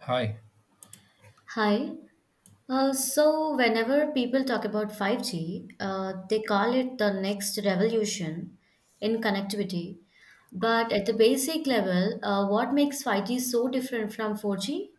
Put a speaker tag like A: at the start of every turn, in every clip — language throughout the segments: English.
A: Hi.
B: Hi. Whenever people talk about 5G, they call it the next revolution in connectivity. But at the basic level, what makes 5G so different from 4G?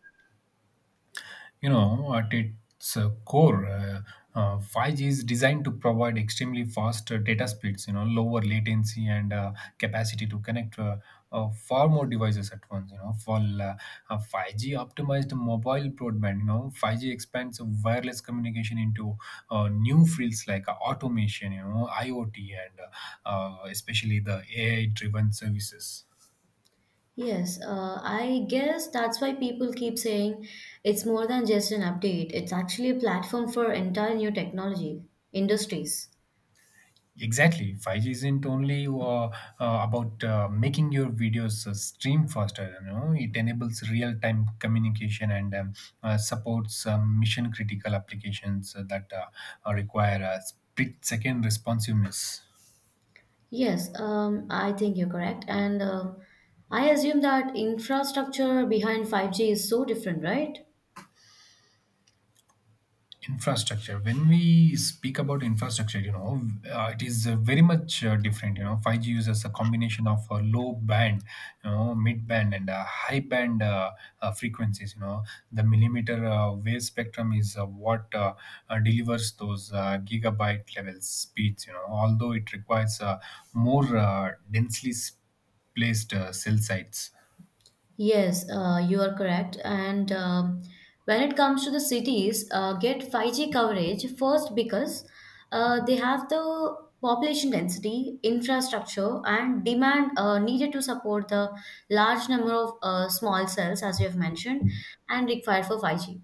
A: At its core, 5G is designed to provide extremely fast data speeds, lower latency and capacity to connect far more devices at once, for 5G optimized mobile broadband. 5G expands wireless communication into new fields like automation, IoT and especially the AI driven services.
B: Yes, I guess that's why people keep saying it's more than just an update. It's actually a platform for entire new technology industries.
A: Exactly. 5G isn't only about making your videos stream faster. It enables real-time communication and supports mission-critical applications that require a split-second responsiveness.
B: Yes, I think you're correct. And I assume that infrastructure behind 5G is so different, right?
A: Infrastructure, when we speak about infrastructure, it is very much different. 5G uses a combination of low band, mid band and high band frequencies. The millimeter wave spectrum is what delivers those gigabyte level speeds, although it requires more densely placed cell sites.
B: Yes, you are correct. And when it comes to the cities, get 5G coverage first because they have the population density, infrastructure, and demand needed to support the large number of small cells, as you have mentioned, and required for 5G.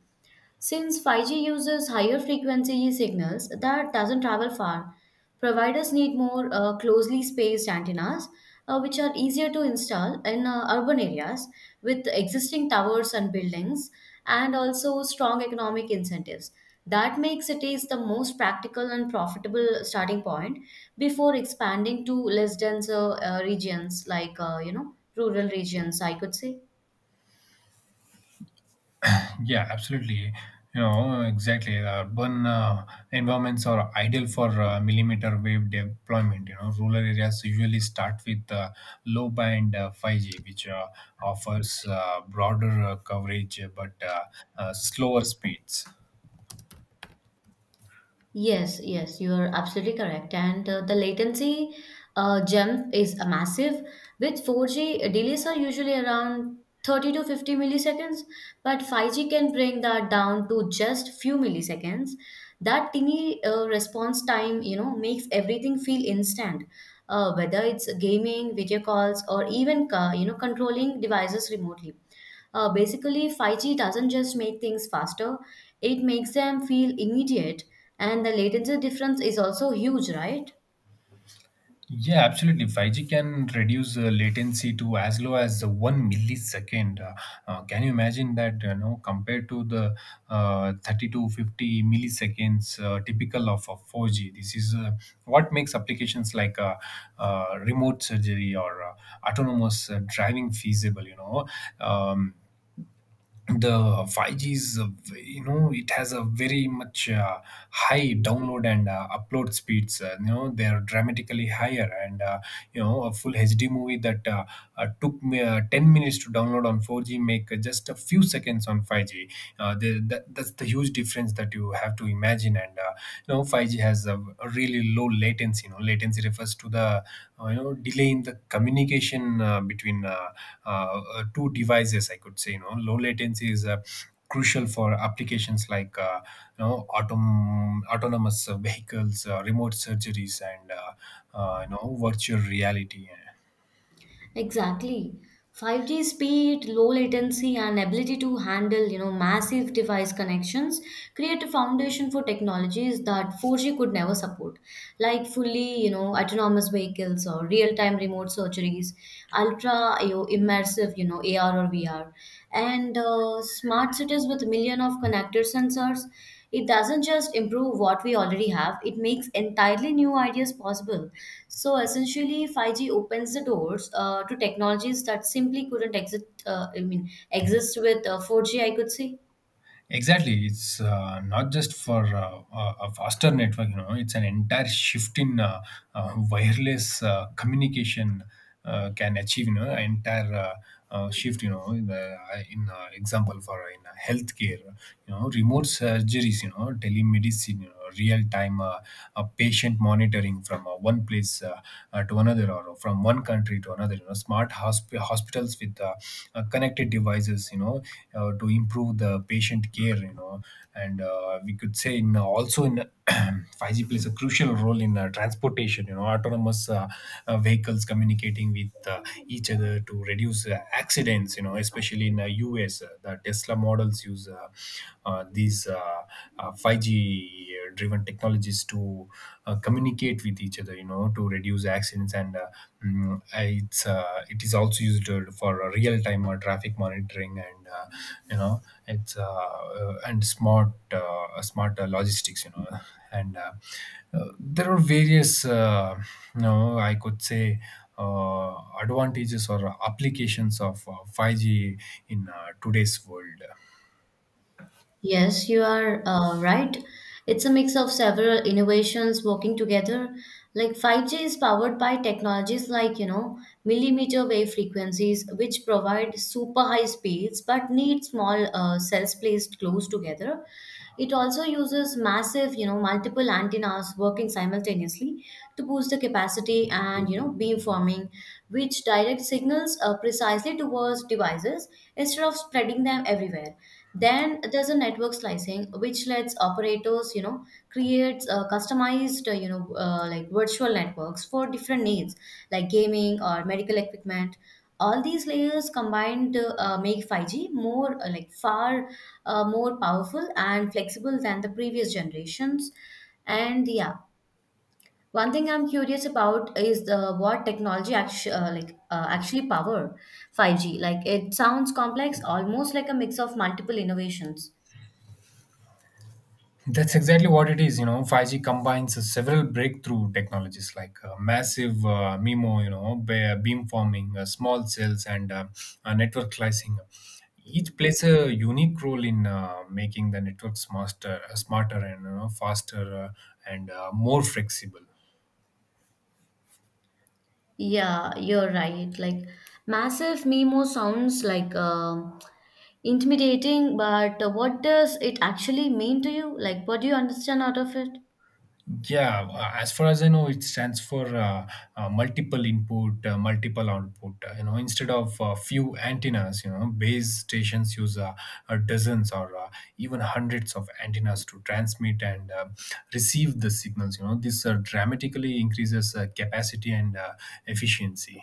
B: Since 5G uses higher frequency signals that doesn't travel far, providers need more closely spaced antennas, which are easier to install in urban areas with existing towers and buildings, and also strong economic incentives. That makes cities the most practical and profitable starting point before expanding to less dense regions like you know rural regions, I could say.
A: Yeah, absolutely. Exactly. Urban environments are ideal for millimeter wave deployment. Rural areas usually start with low band 5G, which offers broader coverage but slower speeds.
B: Yes, yes, you are absolutely correct. And the latency jump is a massive. With 4G, delays are usually around 30 to 50 milliseconds, but 5G can bring that down to just few milliseconds. That teeny response time, you know, makes everything feel instant. Whether it's gaming, video calls, or even, you know, controlling devices remotely. Basically, 5G doesn't just make things faster, it makes them feel immediate, and the latency difference is also huge, right?
A: Yeah, absolutely. 5G can reduce latency to as low as one millisecond. Can you imagine that? Compared to the 30 to 50 milliseconds typical of 4G, this is what makes applications like remote surgery or autonomous driving feasible. Um, the 5G is, it has a very much high download and upload speeds. They are dramatically higher, and a full HD movie that took me 10 minutes to download on 4G make just a few seconds on 5G. That's the huge difference that you have to imagine, and you know 5G has a really low latency. Latency refers to the delay in the communication between uh, two devices, I could say. Low latency is crucial for applications like autonomous vehicles, remote surgeries and virtual reality, eh.
B: Exactly. 5G speed, low latency, and ability to handle, you know, massive device connections create a foundation for technologies that 4G could never support, like fully, you know, autonomous vehicles or real-time remote surgeries, ultra, you know, immersive, you know, AR or VR, and smart cities with million of connected sensors. It doesn't just improve what we already have, it makes entirely new ideas possible. So essentially, 5G opens the doors to technologies that simply couldn't exist, I mean, exist with 4G, I could say.
A: Exactly, it's not just for a faster network. It's an entire shift in wireless communication can achieve. An entire shift. You know, in, the, in example for in healthcare, remote surgeries. Telemedicine. Real time patient monitoring from one place to another, or from one country to another. Smart hospitals with connected devices, to improve the patient care. You know and We could say in also in 5G plays a crucial role in transportation. Autonomous vehicles communicating with each other to reduce accidents. Especially in the US, the Tesla models use these 5G driven technologies to communicate with each other, to reduce accidents. And mm, it's It is also used for real time traffic monitoring and you know it's and smart logistics. You know and There are various you know I could say uh, advantages or applications of 5G in today's world.
B: Yes, you are right. It's a mix of several innovations working together. Like 5G is powered by technologies like, you know, millimeter wave frequencies, which provide super high speeds but need small cells placed close together. It also uses massive, you know, multiple antennas working simultaneously to boost the capacity and, you know, beamforming, which direct signals precisely towards devices instead of spreading them everywhere. Then there's a network slicing, which lets operators, you know, create customized, you know, like virtual networks for different needs, like gaming or medical equipment. All these layers combined make 5G more, like far more powerful and flexible than the previous generations. And yeah, one thing I'm curious about is the what technology actually like actually power 5G. Like it sounds complex, almost like a mix of multiple innovations.
A: That's exactly what it is. 5G combines several breakthrough technologies like massive MIMO, beamforming, small cells, and network slicing. Each plays a unique role in making the network smarter and, faster and more flexible.
B: Yeah, you're right. Like massive MIMO sounds like intimidating, but what does it actually mean to you? Like what do you understand out of it?
A: Yeah, as far as I know, it stands for multiple input, multiple output. Instead of few antennas, base stations use dozens or even hundreds of antennas to transmit and receive the signals. This dramatically increases capacity and efficiency.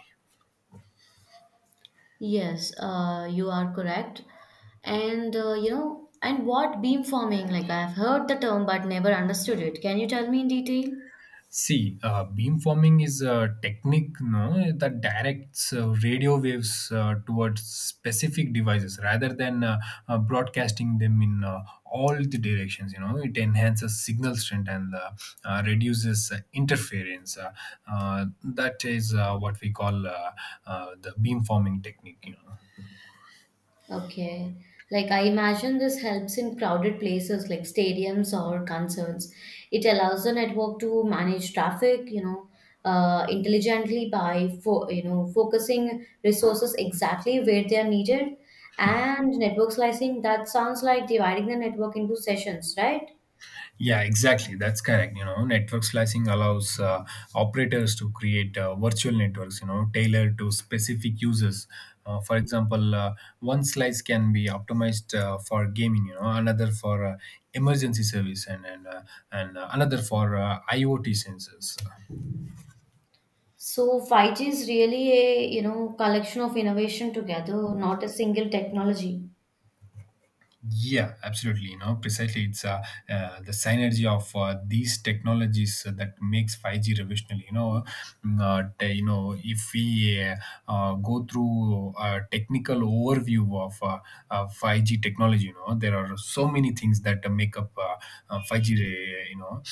B: Yes, you are correct. And you know, and what beamforming? Like I've heard the term but never understood it. Can you tell me in detail?
A: See, beamforming is a technique, no, that directs radio waves towards specific devices rather than broadcasting them in all the directions. It enhances signal strength and reduces interference. That is what we call the beamforming technique. You know.
B: Okay. Like I imagine this helps in crowded places like stadiums or concerts. It allows the network to manage traffic, you know, intelligently by you know focusing resources exactly where they are needed. And network slicing, that sounds like dividing the network into sessions, right?
A: Yeah, exactly. That's correct. Network slicing allows operators to create virtual networks, tailored to specific users. For example, one slice can be optimized for gaming, another for emergency service, and another for IoT sensors.
B: So 5G is really a you know collection of innovation together, not a single technology.
A: Yeah, absolutely. Precisely, it's the synergy of these technologies that makes five G revolutionary. You know, not, you know, If we go through a technical overview of five G technology, there are so many things that make up five G. re- You know,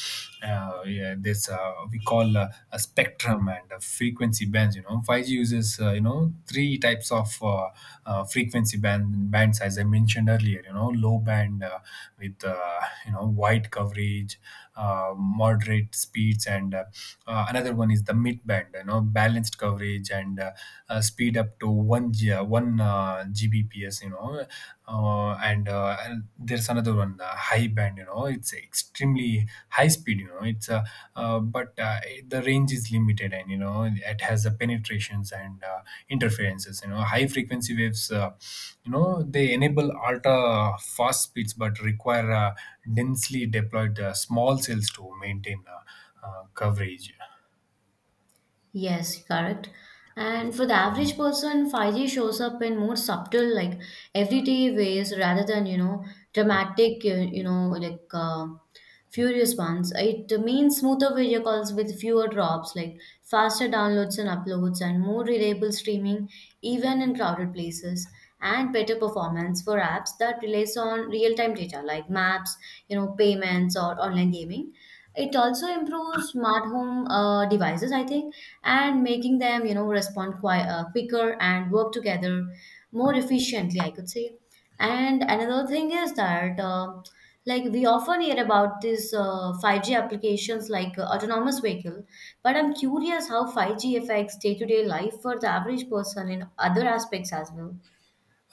A: uh, Yeah, this we call a spectrum and frequency bands. 5G uses, three types of frequency bands, as I mentioned earlier. Low band with you know wide coverage, moderate speeds, and another one is the mid band, balanced coverage and speed up to 1 G, 1 gbps. And there's another one, the high band. It's extremely high speed. You know, it's but The range is limited, and, it has the penetrations and interferences. High frequency waves. They enable ultra fast speeds, but require densely deployed small cells to maintain coverage.
B: Yes, correct. And for the average person, 5G shows up in more subtle, like everyday ways rather than, you know, dramatic, you know, like furious ones. It means smoother video calls with fewer drops, like faster downloads and uploads, and more reliable streaming, even in crowded places, and better performance for apps that relies on real-time data, like maps, you know, payments, or online gaming. It also improves smart home devices, I think, and making them, you know, respond quicker and work together more efficiently, I could say. And another thing is that, like, we often hear about these 5G applications like autonomous vehicle, but I'm curious how 5G affects day-to-day life for the average person in other aspects as well.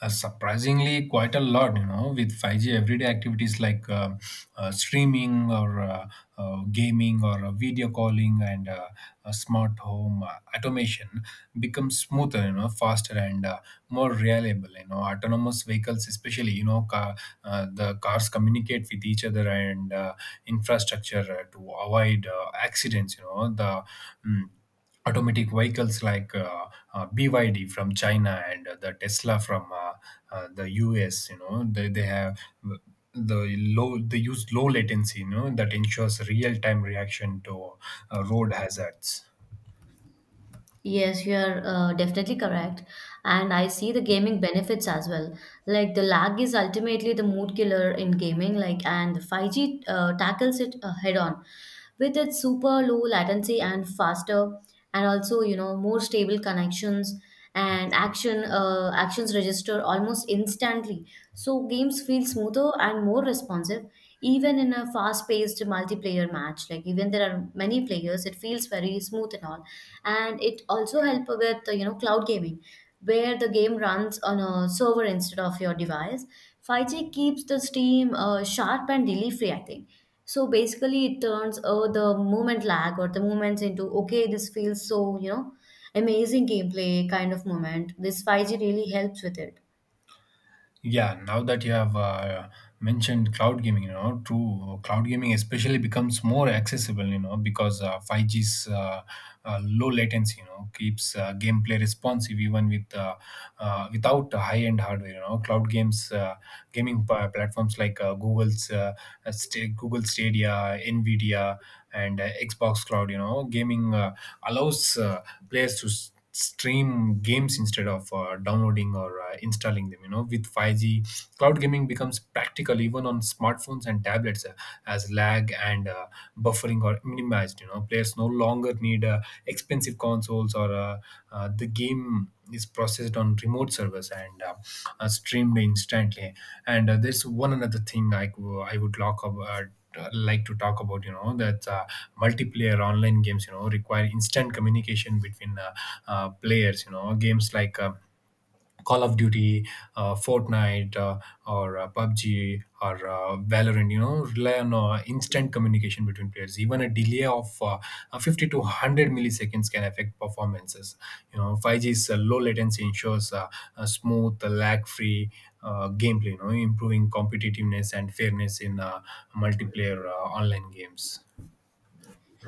A: Surprisingly, quite a lot. With 5G, everyday activities like streaming or gaming or video calling and smart home automation becomes smoother, faster and more reliable. Autonomous vehicles, especially, the cars communicate with each other and infrastructure to avoid accidents. Mm, Automatic vehicles like BYD from China and the Tesla from the US. They have they use low latency, that ensures real time reaction to road hazards.
B: Yes, you are definitely correct. And I see the gaming benefits as well. Like the lag is ultimately the mood killer in gaming, like, and 5G tackles it head on with its super low latency and faster and also, you know, more stable connections, and actions register almost instantly, so games feel smoother and more responsive even in a fast paced multiplayer match. Like, even there are many players, it feels very smooth and all, and it also help with you know cloud gaming where the game runs on a server instead of your device. 5G keeps the stream sharp and delay free, I think. So basically, it turns the movement lag or the movements into okay, this feels so, you know, amazing gameplay kind of moment. This 5G really helps with it.
A: Yeah, now that you have mentioned cloud gaming, true cloud gaming especially becomes more accessible, because 5G's low latency, keeps gameplay responsive even with without high-end hardware. Cloud games, gaming platforms like Google's Google Stadia, Nvidia, and Xbox Cloud, gaming allows players to stream games instead of downloading or installing them. With 5G, cloud gaming becomes practical even on smartphones and tablets, as lag and buffering are minimized. Players no longer need expensive consoles, or the game is processed on remote servers and streamed instantly. And There's one another thing I would lock up, like to talk about. That multiplayer online games, require instant communication between players. Games like Call of Duty, Fortnite, or PUBG, or Valorant, rely on instant communication between players. Even a delay of 50 to 100 milliseconds can affect performances. 5G's low latency ensures a smooth, lag-free gameplay, improving competitiveness and fairness in multiplayer online games.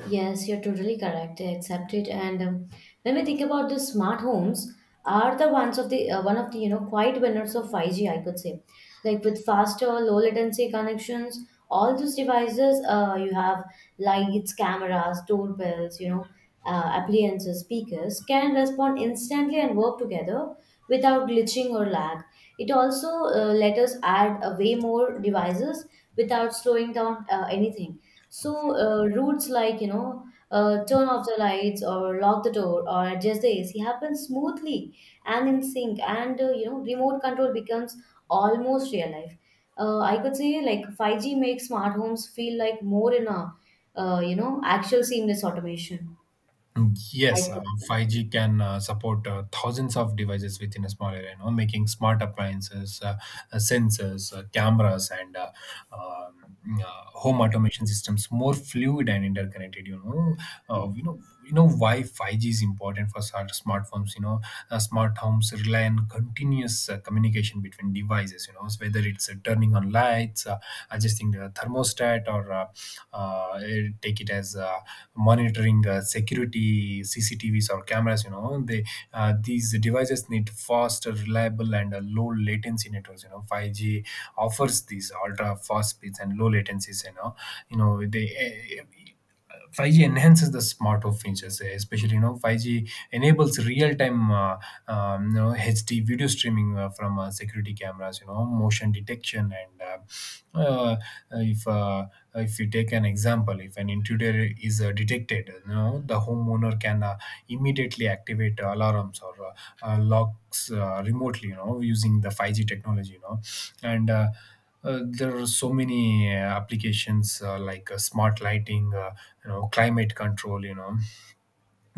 B: Yes, you're totally correct. I accept it. And when we think about the smart homes, are the ones of the one of the you know quiet winners of 5G, I could say, like with faster, low latency connections. All those devices, you have lights, cameras, doorbells, you know, appliances, speakers, can respond instantly and work together without glitching or lag. It also let us add way more devices without slowing down anything, so routes like you know turn off the lights or lock the door or adjust the AC happens smoothly and in sync, and you know remote control becomes almost real life. I could say like 5G makes smart homes feel like more in a you know actual seamless automation. I
A: Yes,
B: think.
A: 5G can support thousands of devices within a small area, making smart appliances, sensors, cameras, and um, home automation systems more fluid and interconnected. Uh, you know, why 5G is important for smart smartphones? Smart homes rely on continuous communication between devices. So whether it's turning on lights, adjusting the a thermostat or eh, take it as monitoring security cctvs or cameras you know they These devices need faster, reliable, and low latency networks. 5G offers these ultra fast speeds and low latencies you know they eh, 5G enhances the smart home features, especially. 5G enables real-time HD video streaming from security cameras, motion detection, and uh, uh, if uh, if you take an example, if an intruder is detected, the homeowner can immediately activate alarms or locks remotely, using the 5G technology. And there are so many applications like smart lighting, climate control,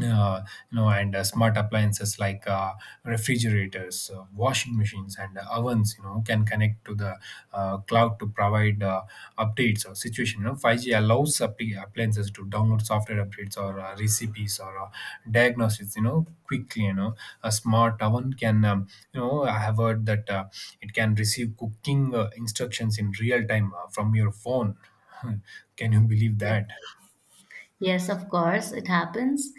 A: uh, you know, and smart appliances like refrigerators, washing machines, and ovens, can connect to the cloud to provide updates or situation. 5G allows appliances to download software updates or recipes or diagnosis, quickly. A smart oven can, I have heard that it can receive cooking instructions in real time from your phone. Can you believe
B: Yeah.
A: that?
B: Yes, of course, it happens.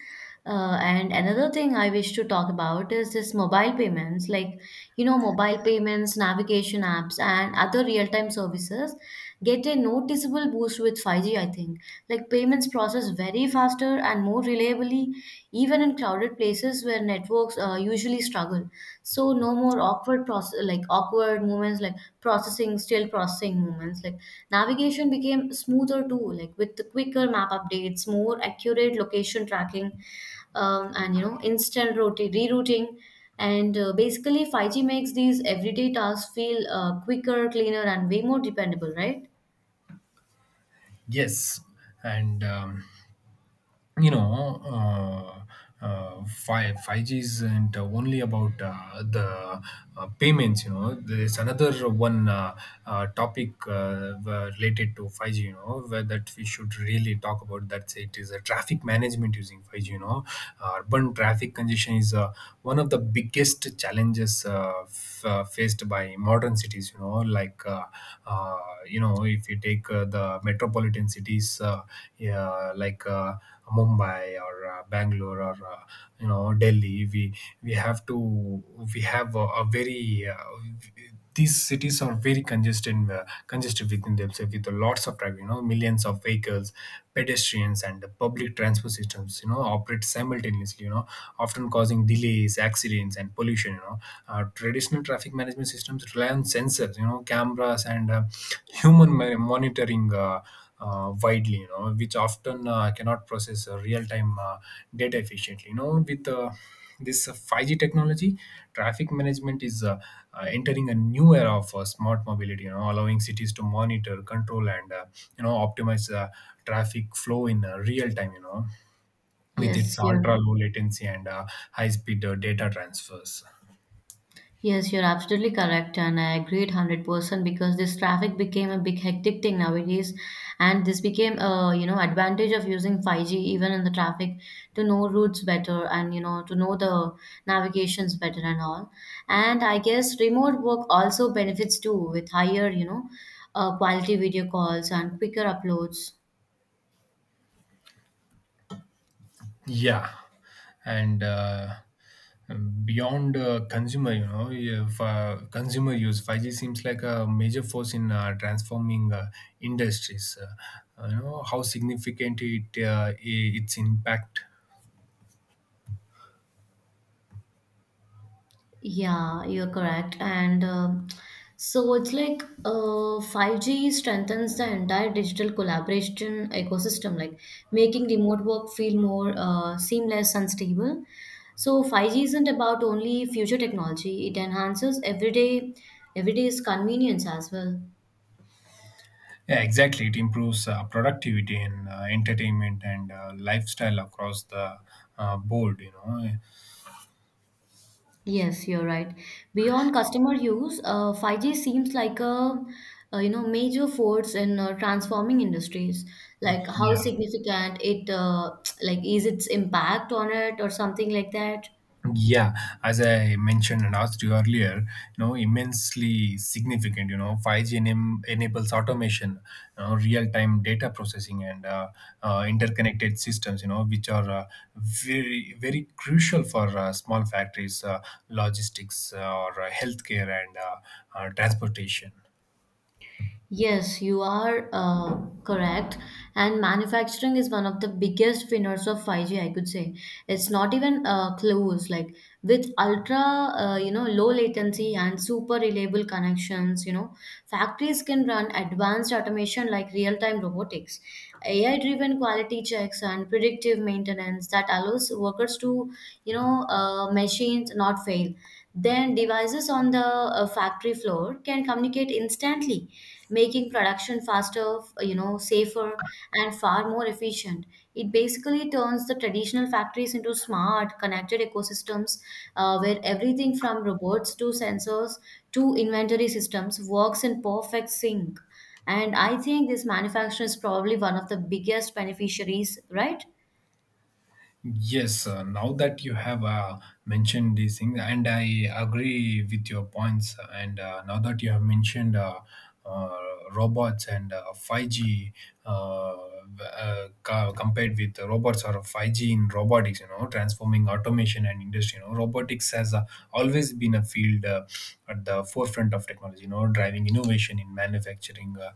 B: And another thing I wish to talk about is this mobile payments, like, you know, mobile payments, navigation apps, and other real time services get a noticeable boost with 5G, I think. Like, payments process very faster and more reliably, even in crowded places where networks usually struggle. So no more awkward process like awkward moments, like processing still processing moments. Like navigation became smoother too, like with the quicker map updates, more accurate location tracking, and you know instant rerouting, and basically 5G makes these everyday tasks feel quicker, cleaner, and way more dependable, right?
A: Yes, and. Um, you know uh, uh, 5 5g isn't only about the payments. There's another one topic were related to 5g, you know where that we should really talk about that's it is a traffic management using 5g. Urban traffic congestion is one of the biggest challenges, faced by modern cities, like, uh, if you take the metropolitan cities, yeah, like Mumbai or Bangalore or Delhi. We have to we have a very these cities are very congested within themselves with lots of traffic. Millions of vehicles, pedestrians, and the public transport systems operate simultaneously, often causing delays, accidents, and pollution. Traditional traffic management systems rely on sensors, cameras, and human monitoring, widely, which often cannot process real-time data efficiently. You know, with this 5G technology, traffic management is entering a new era of smart mobility, allowing cities to monitor, control, and optimize traffic flow in real time, with its
B: Yes, yeah.
A: ultra low latency and high speed data transfers.
B: Yes, you're absolutely correct, and I agree 100% because this traffic became a big hectic thing nowadays, and this became a you know advantage of using 5G even in the traffic to know routes better and you know to know the navigations better and all. And I guess remote work also benefits too with higher you know quality video calls and quicker uploads.
A: Yeah, and beyond consumer, you know, if, consumer use, 5G seems like a major force in transforming industries. How significant it its impact?
B: Yeah, you're correct. And so it's like 5G strengthens the entire digital collaboration ecosystem, like making remote work feel more seamless and stable. So 5G isn't about only future technology, it enhances everyday everyday's convenience as well.
A: Yeah, exactly. It improves productivity in entertainment and lifestyle across the board.
B: Yes, you're right. Beyond customer use, 5G seems like a, you know major force in transforming industries. Like how
A: Yeah.
B: significant it like is its impact on it or something like that?
A: yeah as I mentioned and asked you earlier, immensely significant. 5g enables automation, real-time data processing, and interconnected systems, which are very, very crucial for small factories, logistics, or healthcare, and transportation.
B: Yes, you are correct. And manufacturing is one of the biggest winners of 5G, I could say. It's not even close. Like with ultra, you know, low latency and super reliable connections, you know, factories can run advanced automation like real-time robotics, AI-driven quality checks, and predictive maintenance that allows workers to, you know, machines not fail scale, then devices on the factory floor can communicate instantly, making production faster, you know, safer, and far more efficient. It basically turns the traditional factories into smart, connected ecosystems where everything from robots to sensors to inventory systems works in perfect sync. And I think this manufacturing is probably one of the biggest beneficiaries, right?
A: Yes, now that you have mentioned these things, and I agree with your points. And now that you have mentioned uh, robots and 5G, uh, compared with robots or 5G in robotics, transforming automation and industry, robotics has always been a field at the forefront of technology, driving innovation in manufacturing,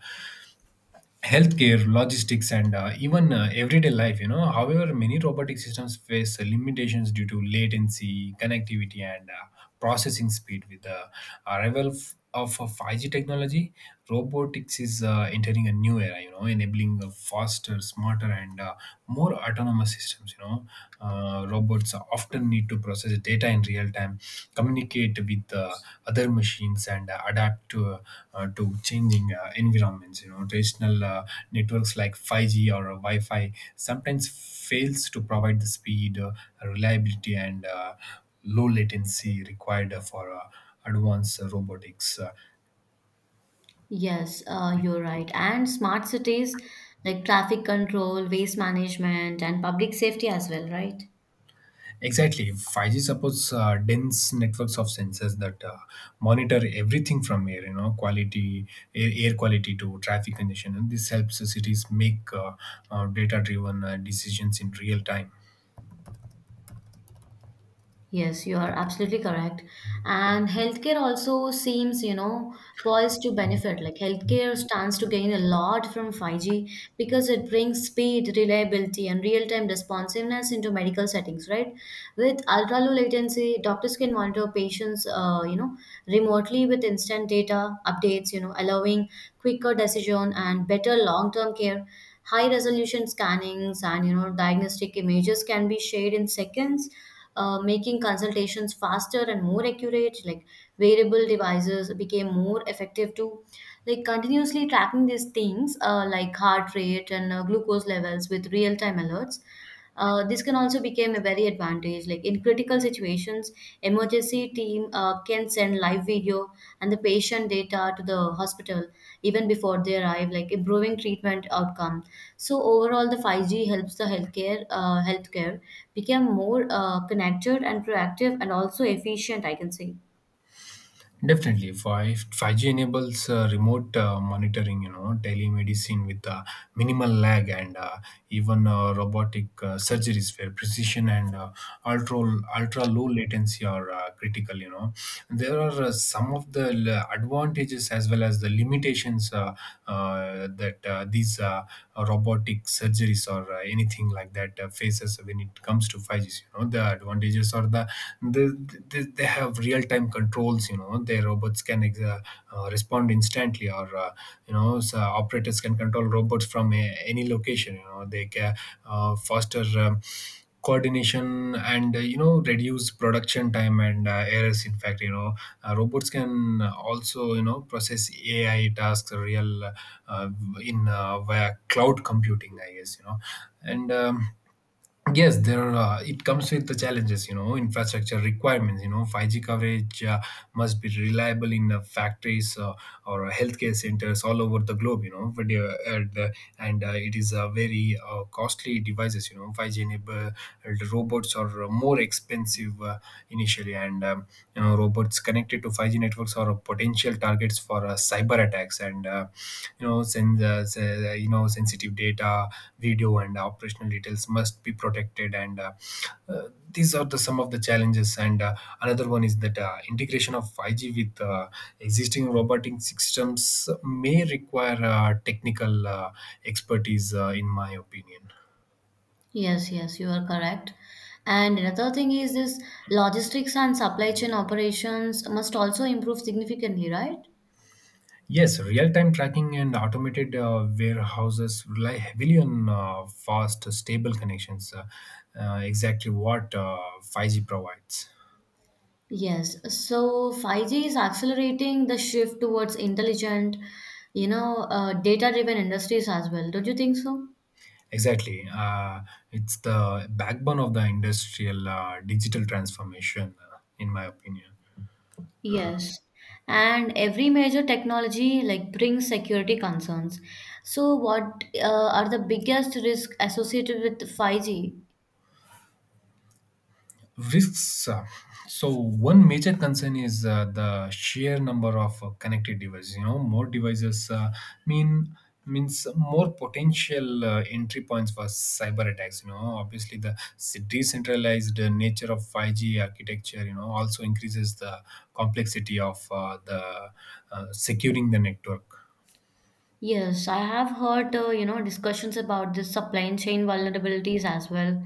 A: healthcare, logistics, and even everyday life. However, many robotic systems face limitations due to latency, connectivity, and processing speed. With the arrival of 5G technology, robotics is entering a new era, enabling faster, smarter, and more autonomous systems. Robots often need to process data in real time, communicate with other machines, and adapt to changing environments. Traditional networks like 5G or Wi-Fi sometimes fails to provide the speed, reliability, and low latency required for advanced robotics.
B: Yes, you're right. And smart cities like traffic control, waste management, and public safety as well, right?
A: Exactly. 5G supports dense networks of sensors that monitor everything from air, you know, quality, air, air quality to traffic condition. And this helps the cities make data driven decisions in real time.
B: Yes, you are absolutely correct. And healthcare also seems, you know, poised to benefit. Like healthcare stands to gain a lot from 5G because it brings speed, reliability, and real-time responsiveness into medical settings, right? With ultra-low latency, doctors can monitor patients, you know, remotely with instant data updates, you know, allowing quicker decision and better long-term care. High resolution scannings and you know diagnostic images can be shared in seconds, making consultations faster and more accurate. Like wearable devices became more effective to, like, continuously tracking these things, like heart rate and glucose levels with real time alerts. This can also become a very advantage, like in critical situations emergency team can send live video and the patient data to the hospital even before they arrive, like improving treatment outcomes. So overall, the 5G helps the healthcare become more connected and proactive and also efficient, I can say.
A: Definitely, 5G enables remote monitoring, telemedicine with minimal lag, and even robotic surgeries where precision and ultra ultra low latency are critical. There are some of the advantages as well as the limitations, that these robotic surgeries, or anything like that, faces when it comes to 5G. The advantages are they, they have real time controls. Their robots can respond instantly, or, so operators can control robots from any location. They can foster coordination, and, reduce production time and errors, in fact. Robots can also, process ai tasks, real in via cloud computing, I guess. You know and Yes, there it comes with the challenges. Infrastructure requirements, 5g coverage must be reliable in factories, or healthcare centers all over the globe. You know but, and It is a very costly devices. 5g enabled robots are more expensive initially. And you know Robots connected to 5g networks are potential targets for cyber attacks, and sensitive data, video, and operational details must be protected. And these are the some of the challenges. And another one is that integration of 5G with existing robotic systems may require technical expertise, in my opinion.
B: Yes, yes, you are correct. And another thing is this logistics and supply chain operations must also improve significantly, right?
A: Yes, real time tracking and automated warehouses rely heavily on fast, stable connections, exactly what 5G provides.
B: Yes. So 5G is accelerating the shift towards intelligent, you know, data-driven industries as well. Don't you think so?
A: Exactly. It's the backbone of the industrial digital transformation, in my opinion.
B: Yes, and every major technology like brings security concerns. So what are the biggest risk associated with 5G?
A: Risks. So, one major concern is the sheer number of connected devices. More devices mean means more potential entry points for cyber attacks. Obviously, the decentralized nature of 5g architecture also increases the complexity of the securing the network.
B: Yes, I have heard you know discussions about this supply chain vulnerabilities as well.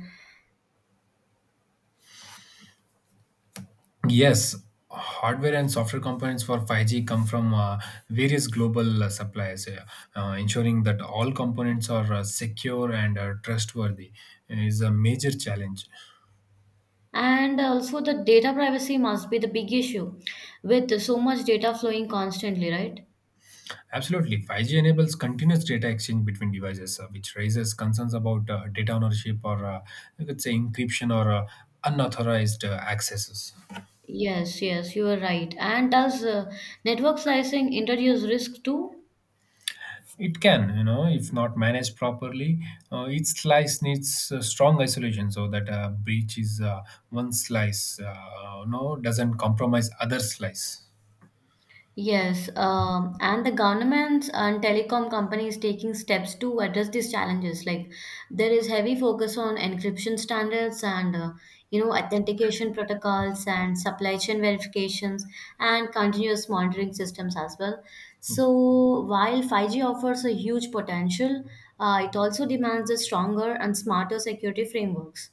A: Yes, hardware and software components for 5G come from various global suppliers, ensuring that all components are secure and trustworthy is a major challenge.
B: And also the data privacy must be the big issue with so much data flowing constantly, right?
A: Absolutely, 5G enables continuous data exchange between devices, which raises concerns about data ownership, or you could say, encryption, or unauthorized accesses.
B: Yes, yes, you are right. And does network slicing introduce risk too?
A: It can, if not managed properly. Each slice needs strong isolation, so that a breach is one slice, no, doesn't compromise other slice.
B: Yes, and the governments and telecom companies taking steps to address these challenges. Like there is heavy focus on encryption standards and you know authentication protocols and supply chain verifications and continuous monitoring systems as well. So while 5G offers a huge potential, it also demands a stronger and smarter security frameworks.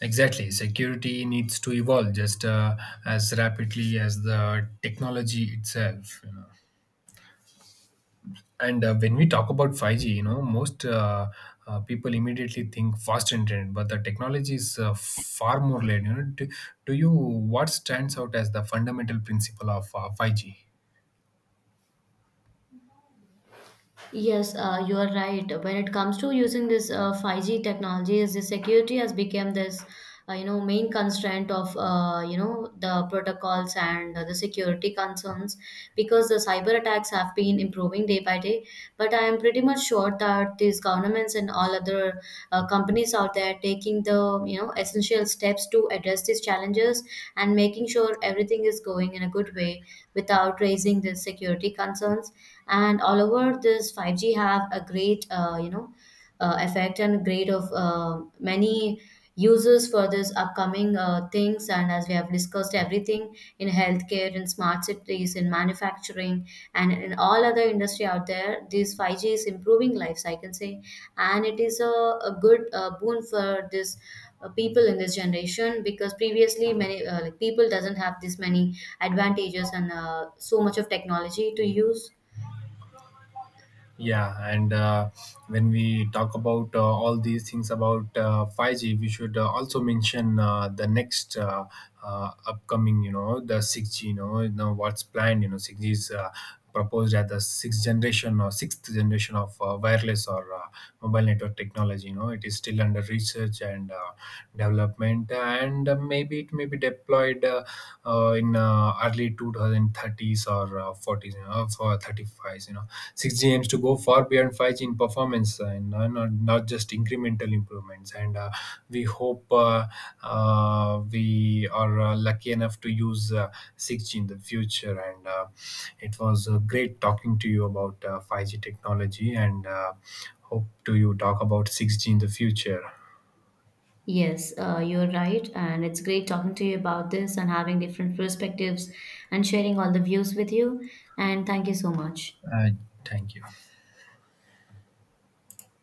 A: Exactly, security needs to evolve just as rapidly as the technology itself. And when we talk about five G, most people immediately think fast internet, but the technology is far more layered. Do you... what stands out as the fundamental principle of five G?
B: Yes, you are right. When it comes to using this 5G technologies, the security has become this, you know, main constraint of, you know, the protocols and the security concerns because the cyber attacks have been improving day by day. But I am pretty much sure that these governments and all other companies out there taking the, you know, essential steps to address these challenges and making sure everything is going in a good way without raising the security concerns, and all over this 5G have a great you know effect and great of many uses for this upcoming things, and as we have discussed everything in healthcare, in smart cities, in manufacturing, and in all other industry out there, this 5G is improving lives, I can say, and it is a good boon for this people in this generation because previously many like people doesn't have this many advantages and so much of technology to use.
A: Yeah, and when we talk about all these things about 5G, we should also mention the next upcoming, the 6G. What's planned? 6G is proposed as the sixth generation or sixth generation of wireless or mobile network technology. It is still under research and development, and maybe it may be deployed in early 2030s, or 40s, for 35s. 6G aims to go far beyond 5G in performance, and not just incremental improvements. And we hope, we are lucky enough to use 6G in the future. And it was great talking to you about 5G technology, and hope to you talk about 6G in the future.
B: Yes, you're right. And it's great talking to you about this and having different perspectives and sharing all the views with you. And thank you so much.
A: Uh, Thank you.